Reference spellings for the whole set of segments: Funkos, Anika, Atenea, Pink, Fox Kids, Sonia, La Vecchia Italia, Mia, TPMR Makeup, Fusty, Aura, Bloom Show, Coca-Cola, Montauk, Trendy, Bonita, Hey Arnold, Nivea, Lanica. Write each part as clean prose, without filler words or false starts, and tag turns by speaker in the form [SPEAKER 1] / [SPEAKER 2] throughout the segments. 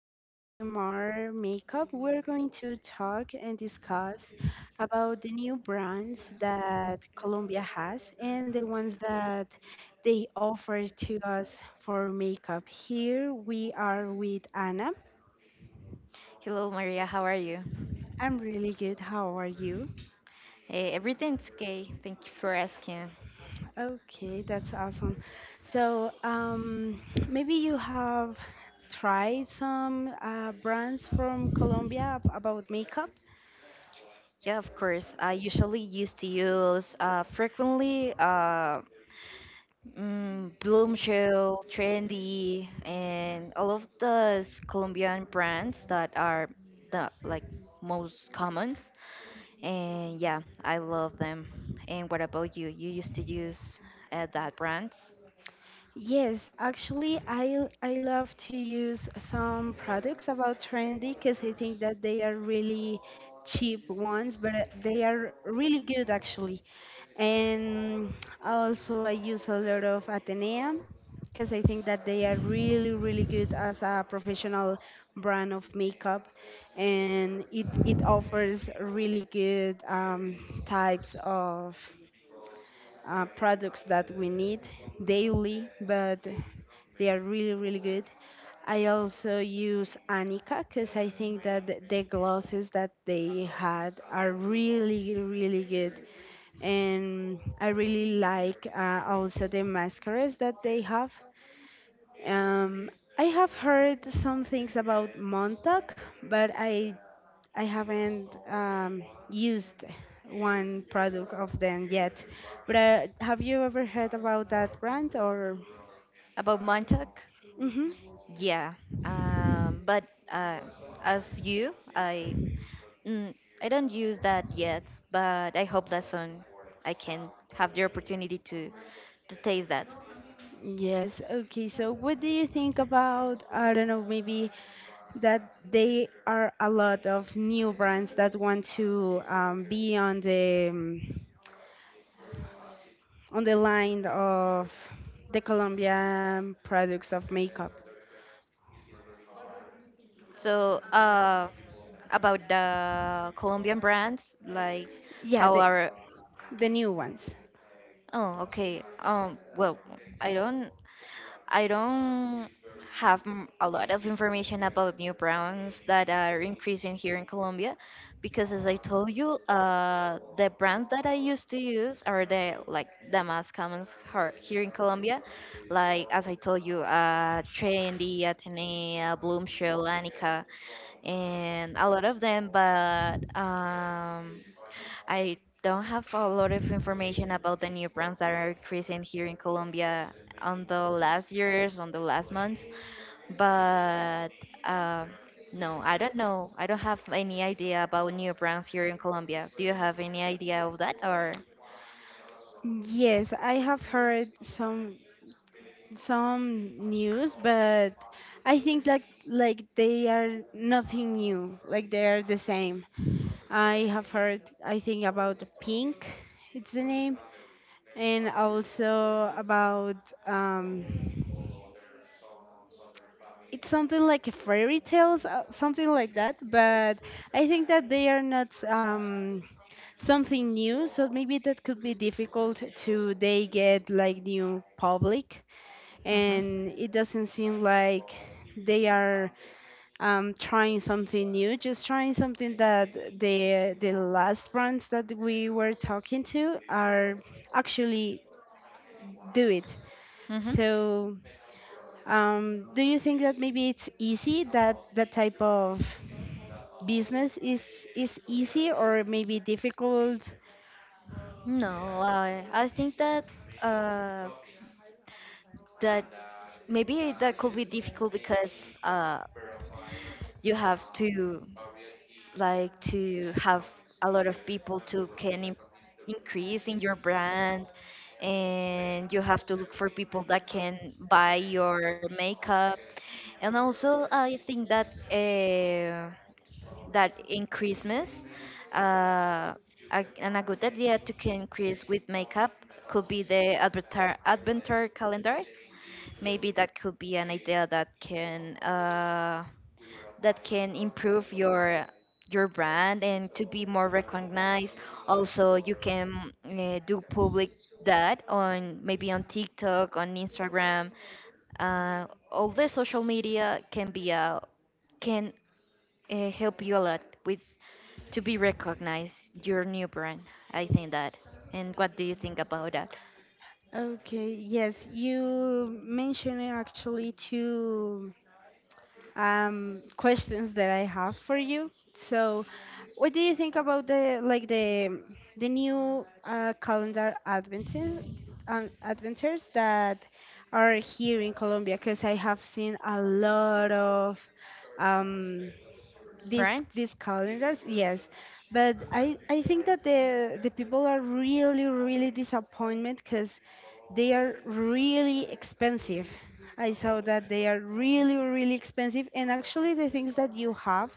[SPEAKER 1] in TPMR Makeup, we're going to talk and discuss about the new brands that Colombia has and the ones that they offer to us for makeup. Here we are with Anna.
[SPEAKER 2] Hello, Maria. How are you?
[SPEAKER 1] I'm really good. How are you?
[SPEAKER 2] Everything's okay. Thank you for asking.
[SPEAKER 1] Okay, that's awesome. So, maybe you have tried some brands from Colombia about makeup?
[SPEAKER 2] Yeah, of course. I usually used to use frequently Bloom Show, Trendy, and all of those Colombian brands that are the like most commons. And yeah, I love them. And what about you? You used to use that brands?
[SPEAKER 1] Yes, actually, I love to use some products about Trendy because I think that they are really cheap ones, but they are really good actually. And also, I use a lot of Atenea because I think that they are really, really good as a professional brand of makeup, and it offers really good types of products that we need daily, but they are really, really good. I also use Anika because I think that the glosses that they had are really, really good. And I really like also the mascaras that they have. Um, I have heard some things about Montauk, but I haven't used one product of them yet, but have you ever heard about that brand or?
[SPEAKER 2] About Montauk?
[SPEAKER 1] Hmm.
[SPEAKER 2] Yeah, but uh, as you, Mm, I don't use that yet, but I hope that soon I can have the opportunity to taste that.
[SPEAKER 1] Yes. Okay. So, what do you think about, I don't know, maybe that they are a lot of new brands that want to be on the line of the Colombian products of makeup?
[SPEAKER 2] So, about the Colombian brands, like
[SPEAKER 1] Yeah,
[SPEAKER 2] how
[SPEAKER 1] the
[SPEAKER 2] are
[SPEAKER 1] the new ones.
[SPEAKER 2] oh, okay, well, I don't I don't have a lot of information about new brands that are increasing here in Colombia, because as I told you, the brands that I used to use are the like the most common here in Colombia, like as I told you, Trendy, Atenea, Bloom Show, Lanica, and a lot of them. But I don't have a lot of information about the new brands that are increasing here in Colombia on the last years, on the last months. But um, no, I don't know. I don't have any idea about new brands here in Colombia. Do you have any idea of that or?
[SPEAKER 1] Yes, I have heard some news, but I think that, like, they are nothing new. Like, they are the same. I have heard, I think, about Pink, it's the name, and also about um it's something like a fairy tales, something like that. But I think that they are not something new, so maybe that could be difficult to they get like new public,
[SPEAKER 2] Hmm.
[SPEAKER 1] and it doesn't seem like they are trying something new, just trying something that the last brands that we were talking to are actually do it.
[SPEAKER 2] Hmm.
[SPEAKER 1] So, do you think that maybe it's easy that type of business is easy or maybe difficult?
[SPEAKER 2] No, I think uh, that maybe that could be difficult, because you have to like to have a lot of people to can increase in your brand, and you have to look for people that can buy your makeup, and also I think that that in Christmas, uh, and a good idea to can increase with makeup could be the adventar adventure calendars. Maybe that could be an idea that can improve your brand and to be more recognized. Also you can do public that on, maybe on TikTok, on Instagram. All the social media can be a can, help you a lot with to be recognized your new brand. I think that. And what do you think about that
[SPEAKER 1] Okay, yes, you mentioned actually two questions that I have for you. So, what do you think about the, like, the new calendar adventures, adventures that are here in Colombia? Because I have seen a lot of um, these
[SPEAKER 2] brands,
[SPEAKER 1] these calendars, yes, but I think that the people are really, really disappointed because they are really expensive. I saw that they are really, really expensive, and actually the things that you have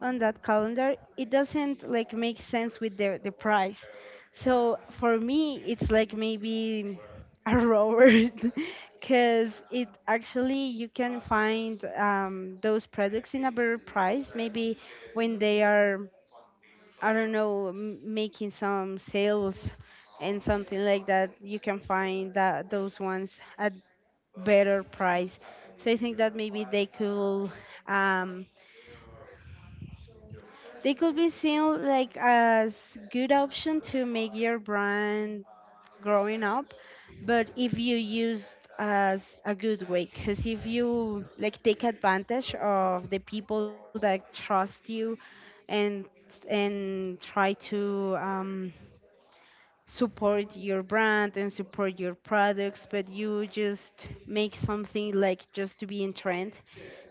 [SPEAKER 1] on that calendar, it doesn't, like, make sense with the price. So for me it's like, maybe a robot because it actually you can find those products in a better price, maybe when they are, I don't know, making some sales, and something like that, you can find that those ones at better price. So I think that maybe um, they could be seen like as good option to make your brand growing up, but if you used as a good way, because if you, like, take advantage of the people that trust you, and and try to support your brand and support your products, but you just make something like just to be in trend,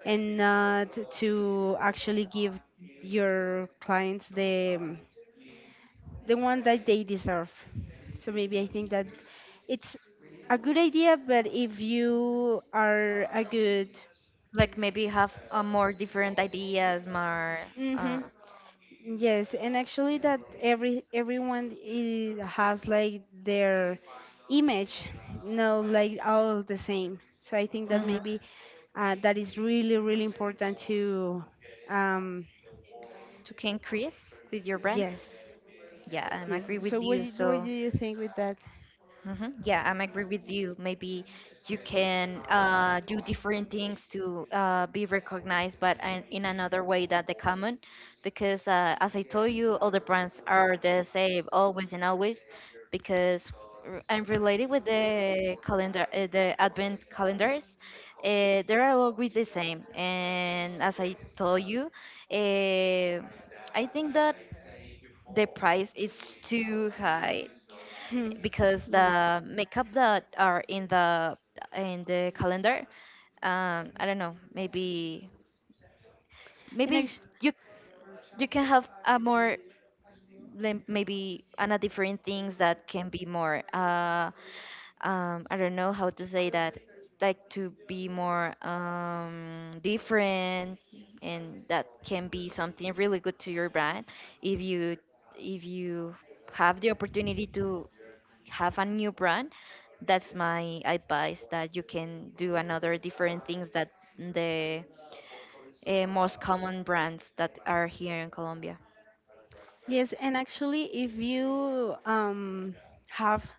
[SPEAKER 1] and not to actually give your clients the, the one that they deserve. So maybe I think that it's a good idea, but if you are a good.
[SPEAKER 2] like maybe have a more different ideas more,
[SPEAKER 1] Mhm.
[SPEAKER 2] uh,
[SPEAKER 1] Yes, and actually that everyone I has like their image, no, like all the same. So I think that
[SPEAKER 2] mhm,
[SPEAKER 1] maybe that is really, really important to, um,
[SPEAKER 2] to can increase with your brand.
[SPEAKER 1] yes,
[SPEAKER 2] Yeah, I'm
[SPEAKER 1] yes.
[SPEAKER 2] agree
[SPEAKER 1] So
[SPEAKER 2] with
[SPEAKER 1] what
[SPEAKER 2] you,
[SPEAKER 1] do- what
[SPEAKER 2] so.
[SPEAKER 1] do you think with that?
[SPEAKER 2] Mhm. Yeah, I'm agree with you. Maybe you can do different things to be recognized, but in another way that the common, because as I told you, all the brands are the same always and always, because and related with the calendar, the advent calendars, they are always the same. And as I told you, uh, I think that the price is too high,
[SPEAKER 1] Hmm.
[SPEAKER 2] because
[SPEAKER 1] Yeah.
[SPEAKER 2] the makeup that are in the calendar, I don't know, maybe,
[SPEAKER 1] And
[SPEAKER 2] maybe
[SPEAKER 1] act-
[SPEAKER 2] you you can have a more, like, maybe, and a different things that can be more, I don't know how to say that, like to be more, different, and that can be something really good to your brand, if you if you have the opportunity to have a new brand. That's my advice, that you can do another different things that the most common brands that are here in Colombia.
[SPEAKER 1] yes, and actually, if you have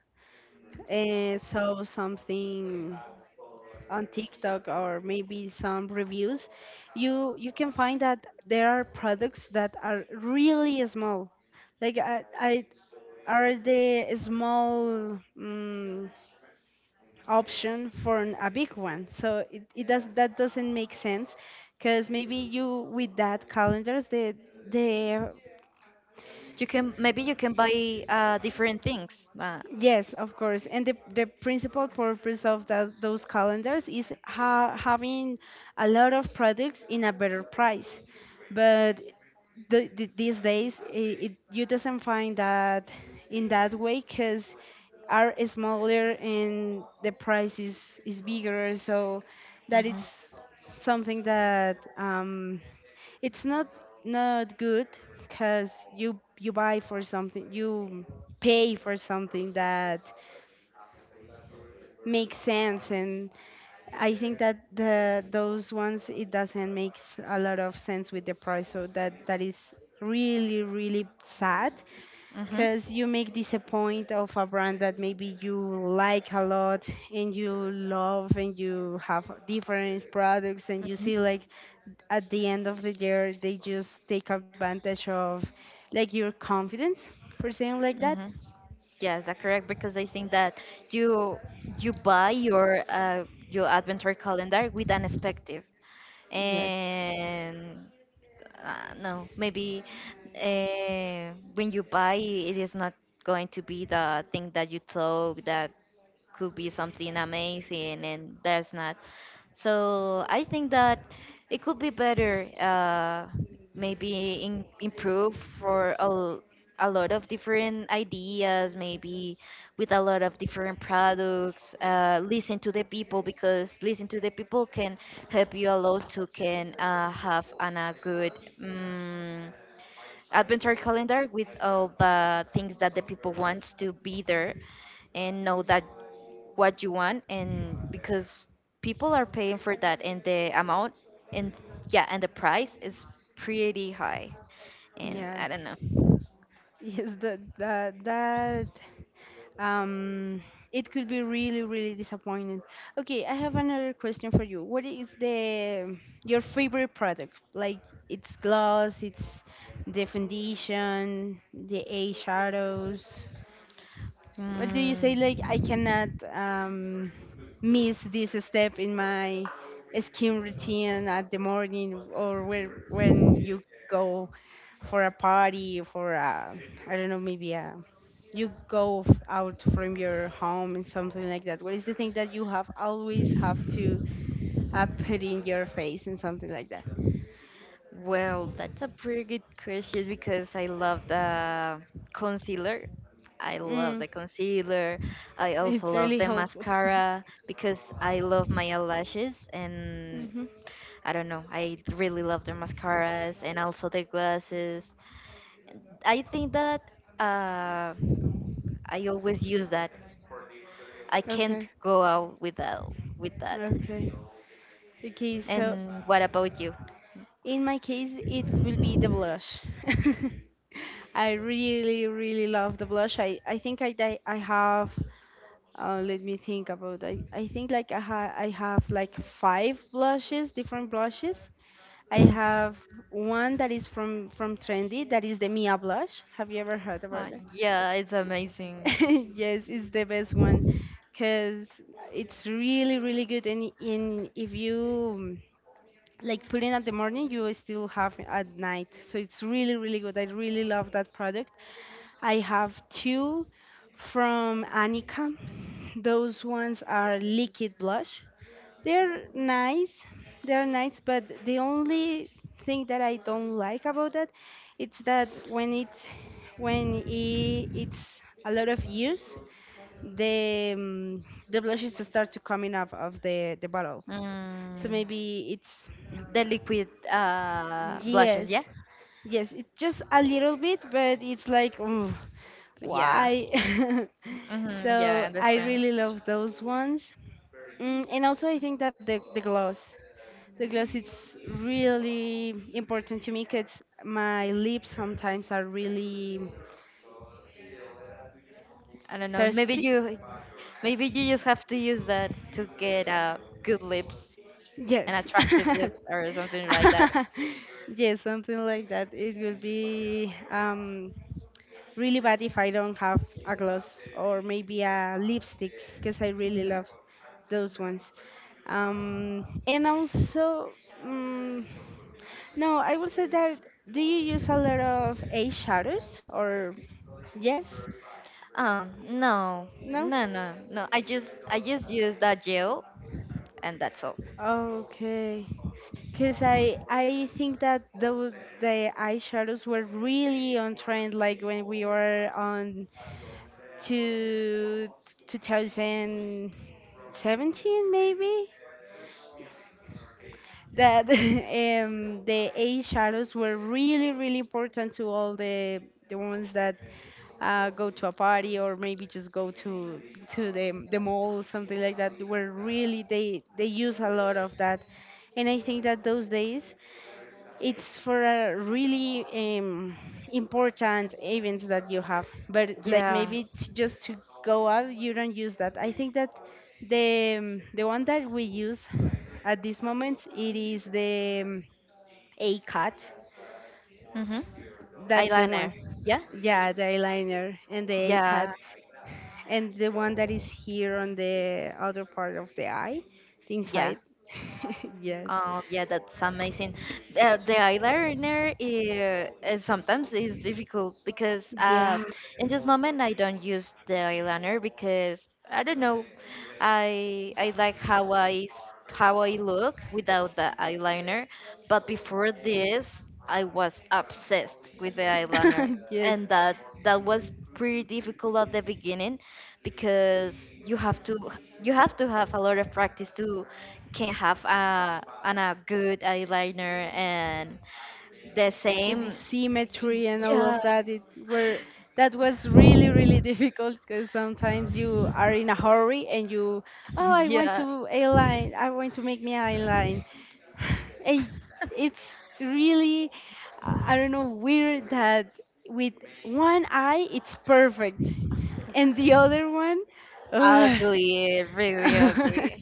[SPEAKER 1] saw something on TikTok or maybe some reviews, you can find that there are products that are really small. Like, I are the small option for a big one. So it does that doesn't make sense because maybe you with that calendars the
[SPEAKER 2] You can Maybe you can buy different things. But,
[SPEAKER 1] Yes, of course. And the principal purpose of that, those calendars, is ha having a lot of products in a better price. But these days, you doesn't find that in that way because are smaller and the price is bigger. So that
[SPEAKER 2] hmm,
[SPEAKER 1] it's something that it's not good because you buy for something, you pay for something that make sense. And I think that the those ones, it doesn't make a lot of sense with the price. So that is really, really sad
[SPEAKER 2] hmm,
[SPEAKER 1] because you make disappoint of a brand that maybe you like a lot, and you love, and you have different products, and you
[SPEAKER 2] hmm,
[SPEAKER 1] see like at the end of the year they just take advantage of, like, your confidence, for saying like that.
[SPEAKER 2] hmm. Yes, that's correct, because I think that you you buy your adventure calendar with an perspective,
[SPEAKER 1] Yes,
[SPEAKER 2] and no, maybe when you buy, it is not going to be the thing that you thought that could be something amazing, and that's not. So I think that it could be better, maybe improve for a lot of different ideas, maybe with a lot of different products. Listen to the people, because listen to the people can help you a lot to can have a good mm, adventure calendar with all the things that the people wants to be there, and know that what you want, and because people are paying for that and the amount, and yeah, and the price is pretty high, and I don't
[SPEAKER 1] yes.
[SPEAKER 2] know.
[SPEAKER 1] Yes, that um it could be really, really disappointing. Okay, I have another question for you. What is the your favorite product? Like, it's gloss, it's the foundation, the eye shadows. Well, do you say like
[SPEAKER 2] mm,
[SPEAKER 1] I cannot miss this step in my skin routine at the morning or, when you go for a party, for I don't know, maybe you go out from your home, and something like that? What is the thing that you have always have to put in your face and something like that?
[SPEAKER 2] well, that's a pretty good question, because I love the concealer
[SPEAKER 1] Mm,
[SPEAKER 2] concealer. I also
[SPEAKER 1] it's
[SPEAKER 2] love
[SPEAKER 1] really
[SPEAKER 2] the
[SPEAKER 1] helpful.
[SPEAKER 2] mascara because I love my eyelashes, and
[SPEAKER 1] Hmm.
[SPEAKER 2] I don't know. I really love their mascaras and also their glasses. I think that, uh, I always use that. I can't
[SPEAKER 1] Okay.
[SPEAKER 2] go out without with that.
[SPEAKER 1] Okay. Okay. So,
[SPEAKER 2] And what about you?
[SPEAKER 1] in my case, it will be the blush. I really, really love the blush. I think I have, let me think about, I think, like, I have like five blushes, different blushes. I have one that is from Trendy, that is the Mia blush. Have you ever heard about that?
[SPEAKER 2] Yeah, it's amazing.
[SPEAKER 1] Yes, it's the best one because it's really, really good. And if you, like, putting at the morning, you still have at night, so it's really, really good. I really love that product. I have two from Anika. Those ones are liquid blush. They're nice. They're nice, but the only thing that I don't like about that, it's that when it's when I it's a lot of use, the, the blushes start to coming up of the bottle, so
[SPEAKER 2] Mm,
[SPEAKER 1] maybe it's.
[SPEAKER 2] the liquid
[SPEAKER 1] Yes,
[SPEAKER 2] blushes, yeah,
[SPEAKER 1] yes, it's just a little bit, but it's like, "Ugh,
[SPEAKER 2] yeah,
[SPEAKER 1] why?"
[SPEAKER 2] hmm, yeah. I
[SPEAKER 1] So I
[SPEAKER 2] understand.
[SPEAKER 1] really love those ones. And also, I think that the gloss, it's really important to me because my lips sometimes are really
[SPEAKER 2] I don't know. Maybe
[SPEAKER 1] thirsty.
[SPEAKER 2] you, maybe you just have to use that to get good lips.
[SPEAKER 1] Yes.
[SPEAKER 2] An attractive lips or something like that.
[SPEAKER 1] Yes, something like that. It will be really bad if I don't have a gloss or maybe a lipstick, because I really
[SPEAKER 2] Mhm.
[SPEAKER 1] love those ones. And also, mm no, I would say that, do you use a lot of eyeshadows or yes?
[SPEAKER 2] Oh, no,
[SPEAKER 1] No?
[SPEAKER 2] no, no, no. I just use that gel, and that's all.
[SPEAKER 1] Okay. Because I think that those the eyeshadows were really on trend, like when we were on to 2017 maybe. That The age shadows were really, really important to all the ones that go to a party, or maybe just go to the mall, something like that. Were really, they use a lot of that. And I think that those days, it's for a really, important events that you have, but like
[SPEAKER 2] Yeah.
[SPEAKER 1] maybe it's just to go out, you don't use that. I think that the, the one that we use at this moment, it is the, a cut,
[SPEAKER 2] Mhm.
[SPEAKER 1] that's the one.
[SPEAKER 2] Eyeliner. Yeah.
[SPEAKER 1] Yeah, the eyeliner and the a cut
[SPEAKER 2] Yeah.
[SPEAKER 1] and the one that is here on the other part of the eye, the
[SPEAKER 2] Yeah.
[SPEAKER 1] inside. Yes.
[SPEAKER 2] Oh yeah, that's amazing. The eyeliner is sometimes is difficult, because
[SPEAKER 1] Yeah.
[SPEAKER 2] in this moment I don't use the eyeliner, because I don't know. I like how I look without the eyeliner, but before this, I was obsessed with the eyeliner,
[SPEAKER 1] Yes,
[SPEAKER 2] and that was pretty difficult at the beginning, because you have to have a lot of practice to can have a good eyeliner, and the
[SPEAKER 1] with the
[SPEAKER 2] same.
[SPEAKER 1] symmetry and all
[SPEAKER 2] Yeah.
[SPEAKER 1] of that. It were that was really, really difficult because sometimes you are in a hurry, and you, oh, i want
[SPEAKER 2] Yeah,
[SPEAKER 1] to align i want to make me align. And it's really, I don't know, weird that with one eye it's perfect and the other one, ugh.
[SPEAKER 2] ugly, really ugly.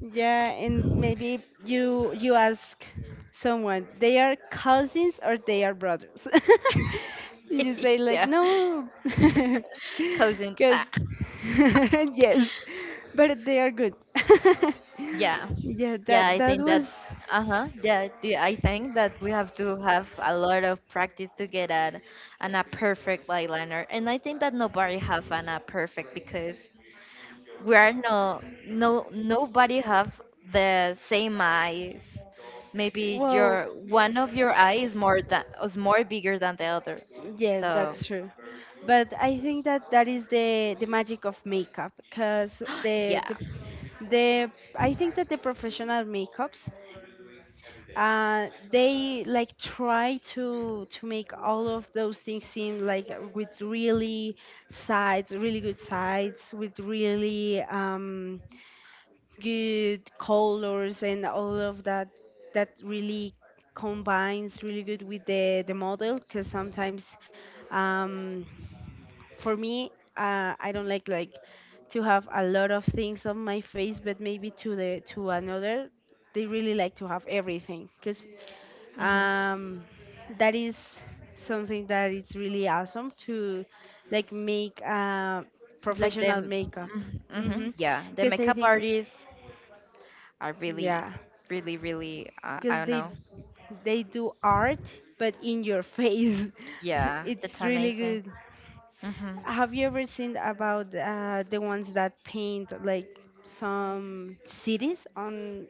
[SPEAKER 1] Yeah, and maybe you ask someone, they are cousins or they are brothers. You say like,
[SPEAKER 2] Yeah.
[SPEAKER 1] no,
[SPEAKER 2] Cousins.
[SPEAKER 1] because.
[SPEAKER 2] Ah.
[SPEAKER 1] Yes, but they are good.
[SPEAKER 2] Yeah,
[SPEAKER 1] Yeah,
[SPEAKER 2] yeah,
[SPEAKER 1] that
[SPEAKER 2] I
[SPEAKER 1] that
[SPEAKER 2] think that,
[SPEAKER 1] was
[SPEAKER 2] uh-huh, yeah, I think that we have to have a lot of practice to get at an a perfect eyeliner, and I think that nobody have an a perfect, because we are no, no, nobody have the same eyes. Maybe
[SPEAKER 1] well,
[SPEAKER 2] your one of your eye is more bigger than the other,
[SPEAKER 1] yes,
[SPEAKER 2] so.
[SPEAKER 1] that's true. But I think that that is the magic of makeup, because
[SPEAKER 2] Yeah.
[SPEAKER 1] the I think that the professional makeups uh, they, like, try to make all of those things seem like with really good sides, with really, good colors and all of that, that really combines really good with the model because sometimes. Um, for me, I don't like to have a lot of things on my face, but maybe to the to another, they really like to have everything, cause
[SPEAKER 2] Hmm.
[SPEAKER 1] um, that is something that it's really awesome to, like, make
[SPEAKER 2] Like the,
[SPEAKER 1] professional makeup.
[SPEAKER 2] mm-hmm, mm-hmm,
[SPEAKER 1] Mhm.
[SPEAKER 2] yeah, the
[SPEAKER 1] Cause I
[SPEAKER 2] makeup
[SPEAKER 1] think,
[SPEAKER 2] artists. I really,
[SPEAKER 1] yeah,
[SPEAKER 2] really, really, I
[SPEAKER 1] cause
[SPEAKER 2] don't
[SPEAKER 1] they
[SPEAKER 2] know.
[SPEAKER 1] they do art, but in your face.
[SPEAKER 2] Yeah, that's
[SPEAKER 1] It's really
[SPEAKER 2] amazing.
[SPEAKER 1] good.
[SPEAKER 2] Hmm.
[SPEAKER 1] Have you ever seen about the ones that paint like some cities on?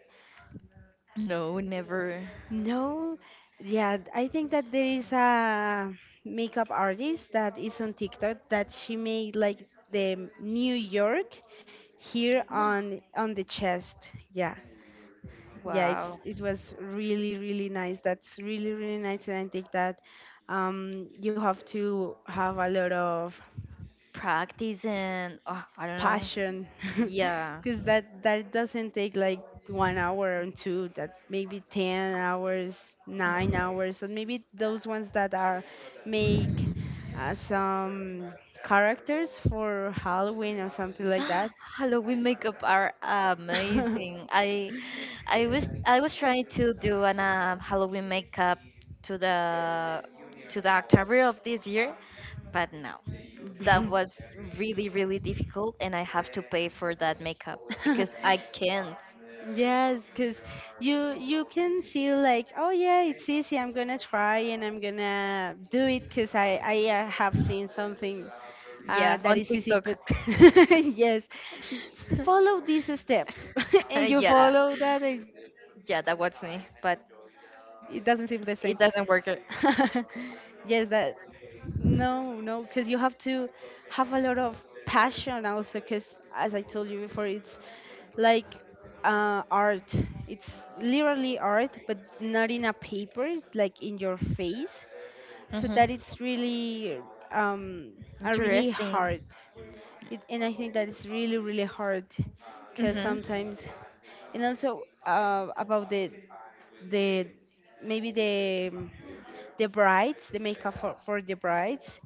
[SPEAKER 2] No, never.
[SPEAKER 1] No, yeah, I think that there is a makeup artist that is on TikTok that she made like the New York here on the chest. Yeah, yeah, it's
[SPEAKER 2] Wow.
[SPEAKER 1] it was really really nice. That's really really nice, and I think that you have to have a lot of
[SPEAKER 2] Practice and, oh, I don't know.
[SPEAKER 1] passion
[SPEAKER 2] Yeah.
[SPEAKER 1] because that doesn't take like 1 hour and two, that maybe 10 hours, 9 hours, and maybe those ones that are make some characters for Halloween or something like that.
[SPEAKER 2] Halloween makeup are amazing. I was trying to do an Halloween makeup to the to the October of this year, but no. That was really, really difficult, and I have to pay for that makeup because I can't.
[SPEAKER 1] Yes, because you can see like, oh yeah, it's easy. I'm gonna try and I'm gonna do it because I have seen something.
[SPEAKER 2] Yeah, on
[SPEAKER 1] That is easy,
[SPEAKER 2] TikTok.
[SPEAKER 1] but yes, follow these steps, and you
[SPEAKER 2] Yeah,
[SPEAKER 1] follow that, and it doesn't seem
[SPEAKER 2] yeah,
[SPEAKER 1] the
[SPEAKER 2] that was
[SPEAKER 1] same.
[SPEAKER 2] me, but
[SPEAKER 1] Yes,
[SPEAKER 2] it
[SPEAKER 1] that,
[SPEAKER 2] doesn't work.
[SPEAKER 1] no, no, because you have to have a lot of passion also, because as I told you before, it's like art. It's literally art, but not in a paper, like in your face. So that it's
[SPEAKER 2] Mm-hmm.
[SPEAKER 1] really um, a really hard.
[SPEAKER 2] Interesting.
[SPEAKER 1] It, and I think that is really, really hard because
[SPEAKER 2] Mm-hmm.
[SPEAKER 1] sometimes, and also about the maybe the um, the brides, the makeup for the brides,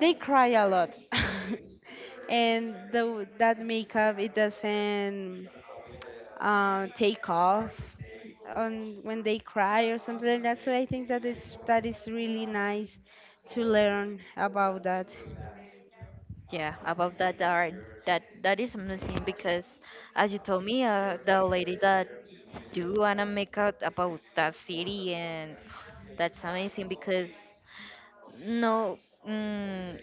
[SPEAKER 1] they cry a lot, and the, that makeup it doesn't take off on when they cry or something like that. So I think that is, that is really nice to learn about that.
[SPEAKER 2] Yeah, about that, that is amazing, because, as you told me, the lady that do and I make out about that city, and that's amazing, because no, mm,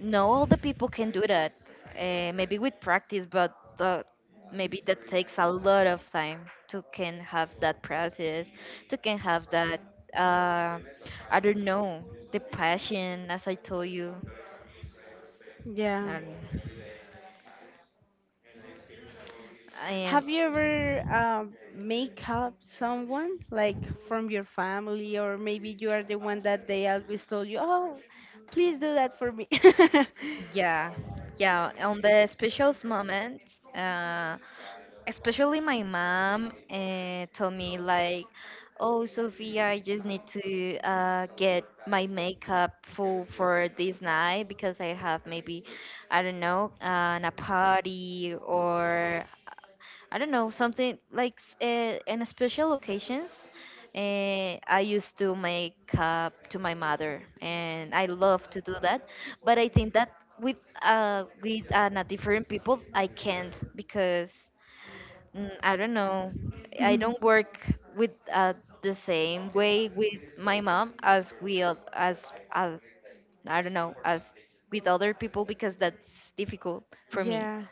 [SPEAKER 2] no all the people can do that, maybe with practice, but the, maybe that takes a lot of time to can have that process to can have that, uh, I don't know, the passion, as I told you.
[SPEAKER 1] Yeah.
[SPEAKER 2] I don't know. I am.
[SPEAKER 1] Have you ever make up someone like from your family, or maybe you are the one that they always told you, "Oh, please do that for me."?
[SPEAKER 2] Yeah, yeah, on the special moments, especially my mom, told me, like, oh, Sophia, I just need to get my makeup full for this night, because I have maybe, I don't know, a party, or I don't know, something like, in special occasions. I used to make up to my mother, and I love to do that, but I think that with, different people I can't, because. Mm, I don't know. I don't work with, the same way with my mom as I don't know, as with other people, because that's difficult for me.
[SPEAKER 1] Yeah,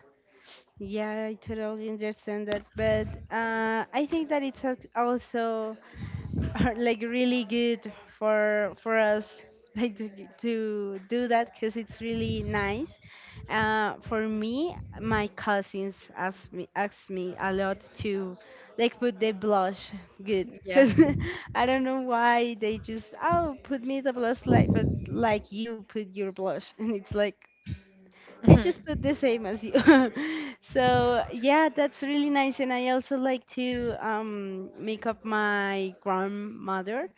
[SPEAKER 1] yeah, I totally understand that, but I think that it's also are like really good for us like to, to do that because it's really nice. For me, my cousins ask me a lot to like put the blush good,
[SPEAKER 2] Yeah.
[SPEAKER 1] because I don't know why, they just, oh, put me the blush like, but like you put your blush and it's like
[SPEAKER 2] Do.
[SPEAKER 1] I just put the same as you. So yeah, that's really nice. And I also like to make up my grandmother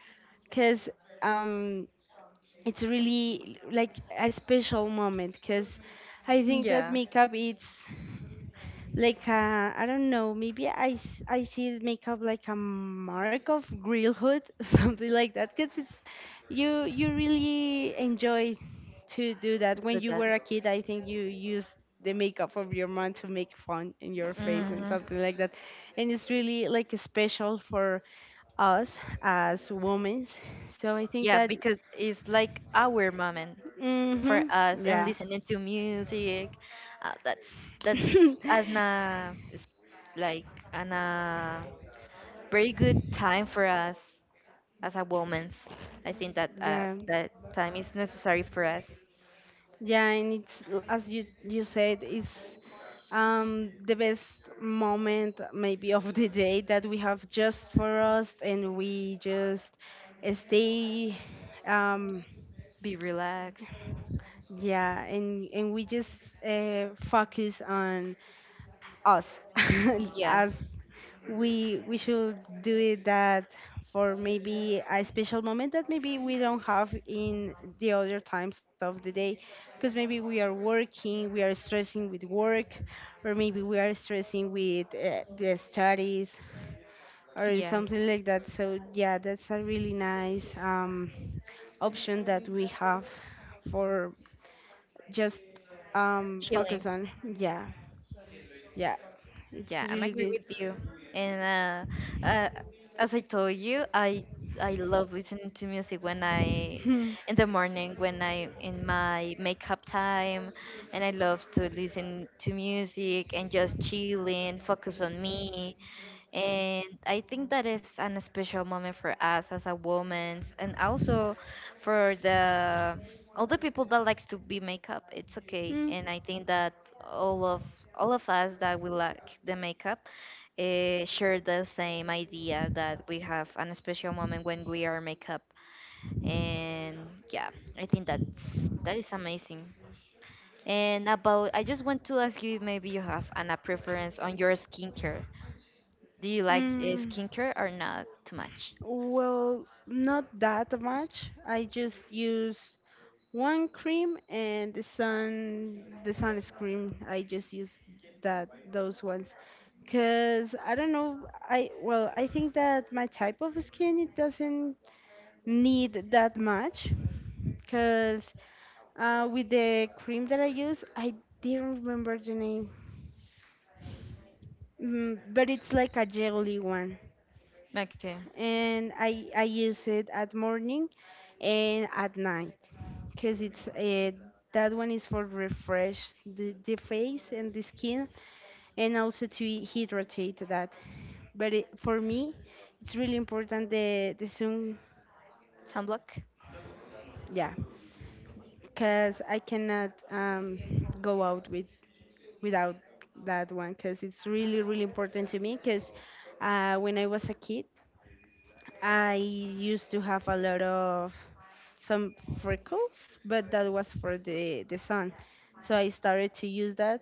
[SPEAKER 1] because um, it's really like a special moment because I think that
[SPEAKER 2] Yeah.
[SPEAKER 1] makeup it's like I don't know, maybe I see makeup like a mark of girlhood, something like that, because it's you really enjoy to do that.
[SPEAKER 2] Do
[SPEAKER 1] When you
[SPEAKER 2] that.
[SPEAKER 1] were a kid, I think you used the makeup of your mom to make fun in your face and
[SPEAKER 2] Hmm.
[SPEAKER 1] something like that, and it's really like special for us as women. So I think
[SPEAKER 2] Yeah,
[SPEAKER 1] that,
[SPEAKER 2] because it's like our moment for
[SPEAKER 1] mhm.
[SPEAKER 2] us, and
[SPEAKER 1] Yeah.
[SPEAKER 2] listening to music. Uh, that's that's an It's like an very good time for us, as a woman's. I think that,
[SPEAKER 1] Yeah.
[SPEAKER 2] that time is necessary for us.
[SPEAKER 1] Yeah, and it's as you you said, it's the best moment maybe of the day that we have just for us, and we just stay. Um,
[SPEAKER 2] Be relaxed.
[SPEAKER 1] yeah, and we just focus on us.
[SPEAKER 2] Yeah,
[SPEAKER 1] As we should do it, that for maybe a special moment that maybe we don't have in the other times of the day, because maybe we are working, we are stressing with work, or maybe we are stressing with the studies or
[SPEAKER 2] yeah,
[SPEAKER 1] something like that. So yeah, that's a really nice option that we have for just focus
[SPEAKER 2] chilling.
[SPEAKER 1] on. Yeah. Yeah, it's
[SPEAKER 2] Yeah, I'm
[SPEAKER 1] really
[SPEAKER 2] agree
[SPEAKER 1] good.
[SPEAKER 2] with you. And uh, uh, as I told you, I love listening to music when I
[SPEAKER 1] Hmm.
[SPEAKER 2] in the morning when I in my makeup time, and I love to listen to music and just chilling, focus on me. And I think that is an special moment for us as a woman, and also for the all the people that likes to be makeup. It's okay.
[SPEAKER 1] Hmm.
[SPEAKER 2] And I think that all of all of us that we like the makeup, share the same idea that we have an special moment when we are makeup. And yeah, I think that is amazing. And about, I just want to ask you, maybe you have a preference on your skincare. Do you like,
[SPEAKER 1] Mm,
[SPEAKER 2] skincare or not too much?
[SPEAKER 1] well, not that much. I just use one cream and the sunscreen. I just use that, those ones. Cause I don't know, I, well, I think that my type of skin it doesn't need that much. Cause with the cream that I use, I didn't remember the name, mm, but it's like a jelly one,
[SPEAKER 2] Okay.
[SPEAKER 1] and I use it at morning and at night, because it's that one is for refresh the face and the skin, and also to hydrate that. But it, for me, it's really important the sun,
[SPEAKER 2] Sunblock?
[SPEAKER 1] yeah, because I cannot go out with without that one, because it's really really important to me, because when I was a kid I used to have a lot of some freckles, but that was for the sun, so I started to use that,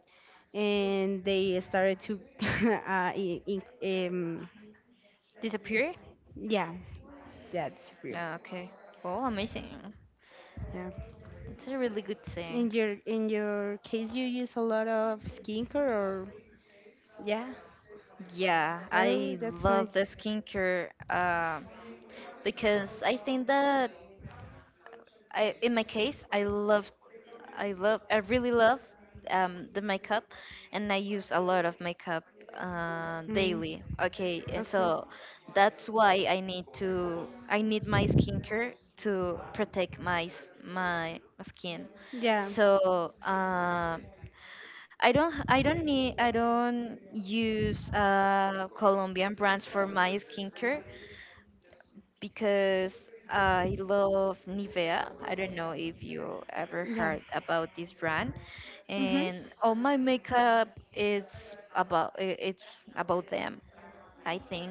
[SPEAKER 1] and they started to uh, in, in, um,
[SPEAKER 2] Disappear?
[SPEAKER 1] yeah, that's real.
[SPEAKER 2] Yeah, okay. Oh, amazing.
[SPEAKER 1] Yeah.
[SPEAKER 2] That's a really good thing.
[SPEAKER 1] In your in your case, you use a lot of skincare or, yeah?
[SPEAKER 2] Yeah,
[SPEAKER 1] Oh,
[SPEAKER 2] I
[SPEAKER 1] that's
[SPEAKER 2] love the
[SPEAKER 1] nice.
[SPEAKER 2] skincare, because I think that I, in my case, I really love the makeup, and I use a lot of makeup
[SPEAKER 1] Mm,
[SPEAKER 2] daily. Okay, and
[SPEAKER 1] okay.
[SPEAKER 2] so that's why I need my skincare to protect my skin.
[SPEAKER 1] Yeah.
[SPEAKER 2] So, I don't use Colombian brands for my skincare, because I love Nivea. I don't know if you ever
[SPEAKER 1] Yeah.
[SPEAKER 2] heard about this brand,
[SPEAKER 1] Mhm.
[SPEAKER 2] and all my makeup is about, it's about them. I think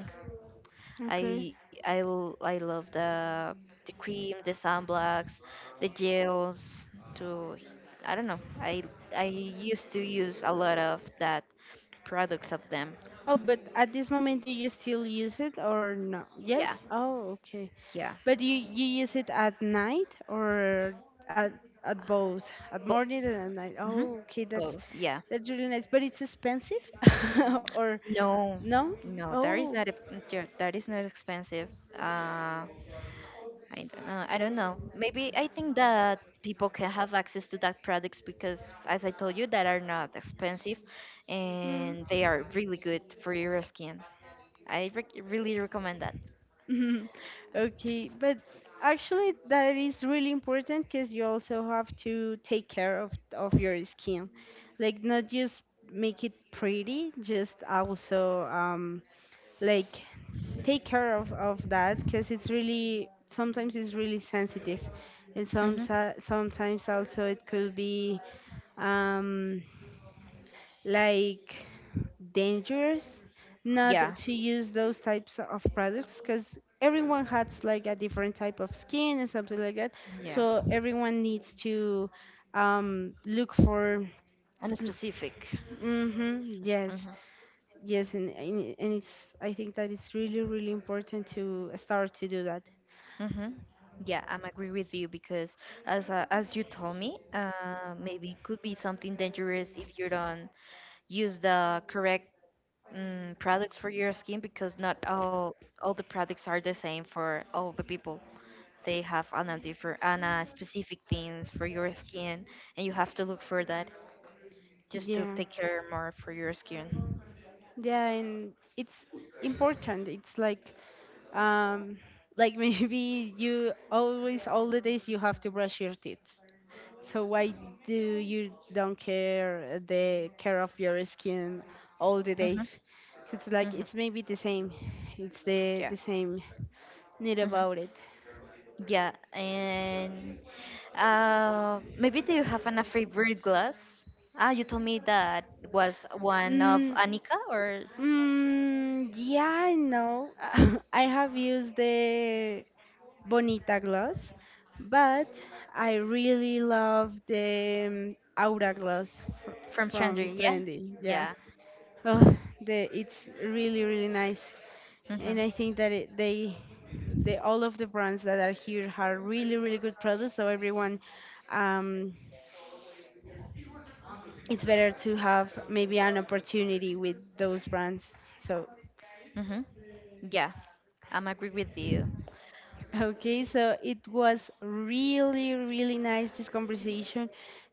[SPEAKER 1] Okay.
[SPEAKER 2] I love the cream, the sunblocks, the gels. To I don't know. I used to use a lot of that products of them.
[SPEAKER 1] Oh, but at this moment, do you still use it or no? Yes.
[SPEAKER 2] Yeah,
[SPEAKER 1] Oh, okay.
[SPEAKER 2] yeah.
[SPEAKER 1] But you use it at night or at at both, at
[SPEAKER 2] Both.
[SPEAKER 1] morning and at night.
[SPEAKER 2] Hmm.
[SPEAKER 1] Oh, okay. That's
[SPEAKER 2] Both. Yeah.
[SPEAKER 1] that's really nice. But it's expensive, or
[SPEAKER 2] No,
[SPEAKER 1] no?
[SPEAKER 2] no, that
[SPEAKER 1] Oh.
[SPEAKER 2] is not a, yeah, that is not expensive. Uh, I don't know. I don't know. Maybe I think that people can have access to that products, because, as I told you, that are not expensive,
[SPEAKER 1] Mm.
[SPEAKER 2] and they are really good for your skin. I rec really recommend that.
[SPEAKER 1] Mhm. Okay, but actually that is really important, because you also have to take care of your skin, like not just make it pretty, just also like take care of that, because it's really, sometimes it's really sensitive, and some
[SPEAKER 2] Hmm.
[SPEAKER 1] sometimes also it could be um like dangerous not
[SPEAKER 2] Yeah,
[SPEAKER 1] to use those types of products, because everyone has like a different type of skin and something like that.
[SPEAKER 2] yeah,
[SPEAKER 1] So everyone needs to look for,
[SPEAKER 2] and specific.
[SPEAKER 1] hmm. Yes,
[SPEAKER 2] Mhm,
[SPEAKER 1] yes. And it's, I think that it's really really important to start to do that.
[SPEAKER 2] mhm. Yeah, I'm agree with you, because as you told me, maybe it could be something dangerous if you don't use the correct, products for your skin, because not all the products are the same for all the people. They have an a different an a specific things for your skin, and you have to look for that just to
[SPEAKER 1] Yeah,
[SPEAKER 2] take care more for your skin.
[SPEAKER 1] yeah, and it's important. It's um like maybe you always, all the days you have to brush your teeth. So why do you don't care the care of your skin all the
[SPEAKER 2] Mhm.
[SPEAKER 1] days? It's like,
[SPEAKER 2] Mhm.
[SPEAKER 1] it's maybe the same. It's
[SPEAKER 2] Yeah.
[SPEAKER 1] the same need
[SPEAKER 2] Mhm.
[SPEAKER 1] about it.
[SPEAKER 2] Yeah. And, maybe do you have a favorite glass? Ah, you told me that was one of
[SPEAKER 1] Mm,
[SPEAKER 2] Anika, or
[SPEAKER 1] mm, yeah, I know. I have used the Bonita gloss, but I really love the Aura gloss fr-
[SPEAKER 2] from Chandra.
[SPEAKER 1] from
[SPEAKER 2] Yeah.
[SPEAKER 1] Trendy. Yeah,
[SPEAKER 2] Yeah.
[SPEAKER 1] oh, the, it's really really nice.
[SPEAKER 2] Mhm.
[SPEAKER 1] And I think that it, they, the all of the brands that are here are really really good products. So everyone, um, it's better to have maybe an opportunity with those brands, so,
[SPEAKER 2] Mhm. Yeah, I'm agree with you.
[SPEAKER 1] okay. So it was really really nice, this conversation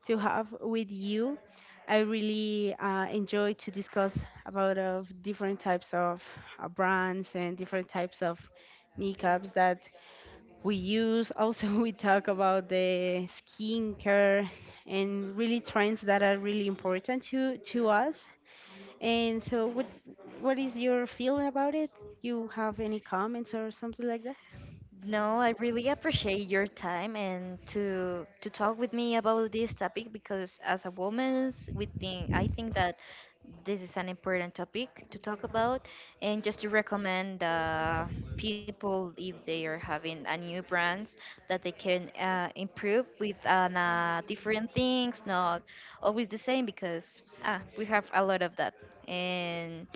[SPEAKER 1] to have with you. I really enjoy to discuss about of different types of brands and different types of makeups that we use. Also we talk about the skincare and really trends that are really important to us. And so, what is your feeling about it? You have any comments or something like that?
[SPEAKER 2] No, I really appreciate your time, and to talk with me about this topic, because as a woman, we think I think that this is an important topic to talk about, and just to recommend, people if they are having a new brands that they can improve with, different things, not always the same, because, we have a lot of that. And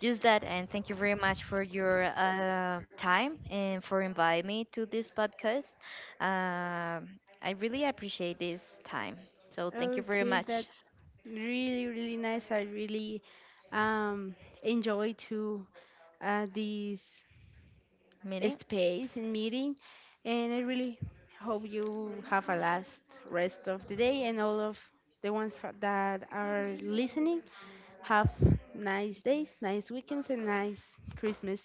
[SPEAKER 2] just that, and thank you very much for your, time, and for inviting me to this podcast. Um I really appreciate this time. So thank you very
[SPEAKER 1] Okay,
[SPEAKER 2] much,
[SPEAKER 1] that's really really nice. I really um enjoy to these
[SPEAKER 2] meeting.
[SPEAKER 1] space in meeting. And I really hope you have a last rest of the day, and all of the ones that are listening have nice days, nice weekends, and nice Christmas.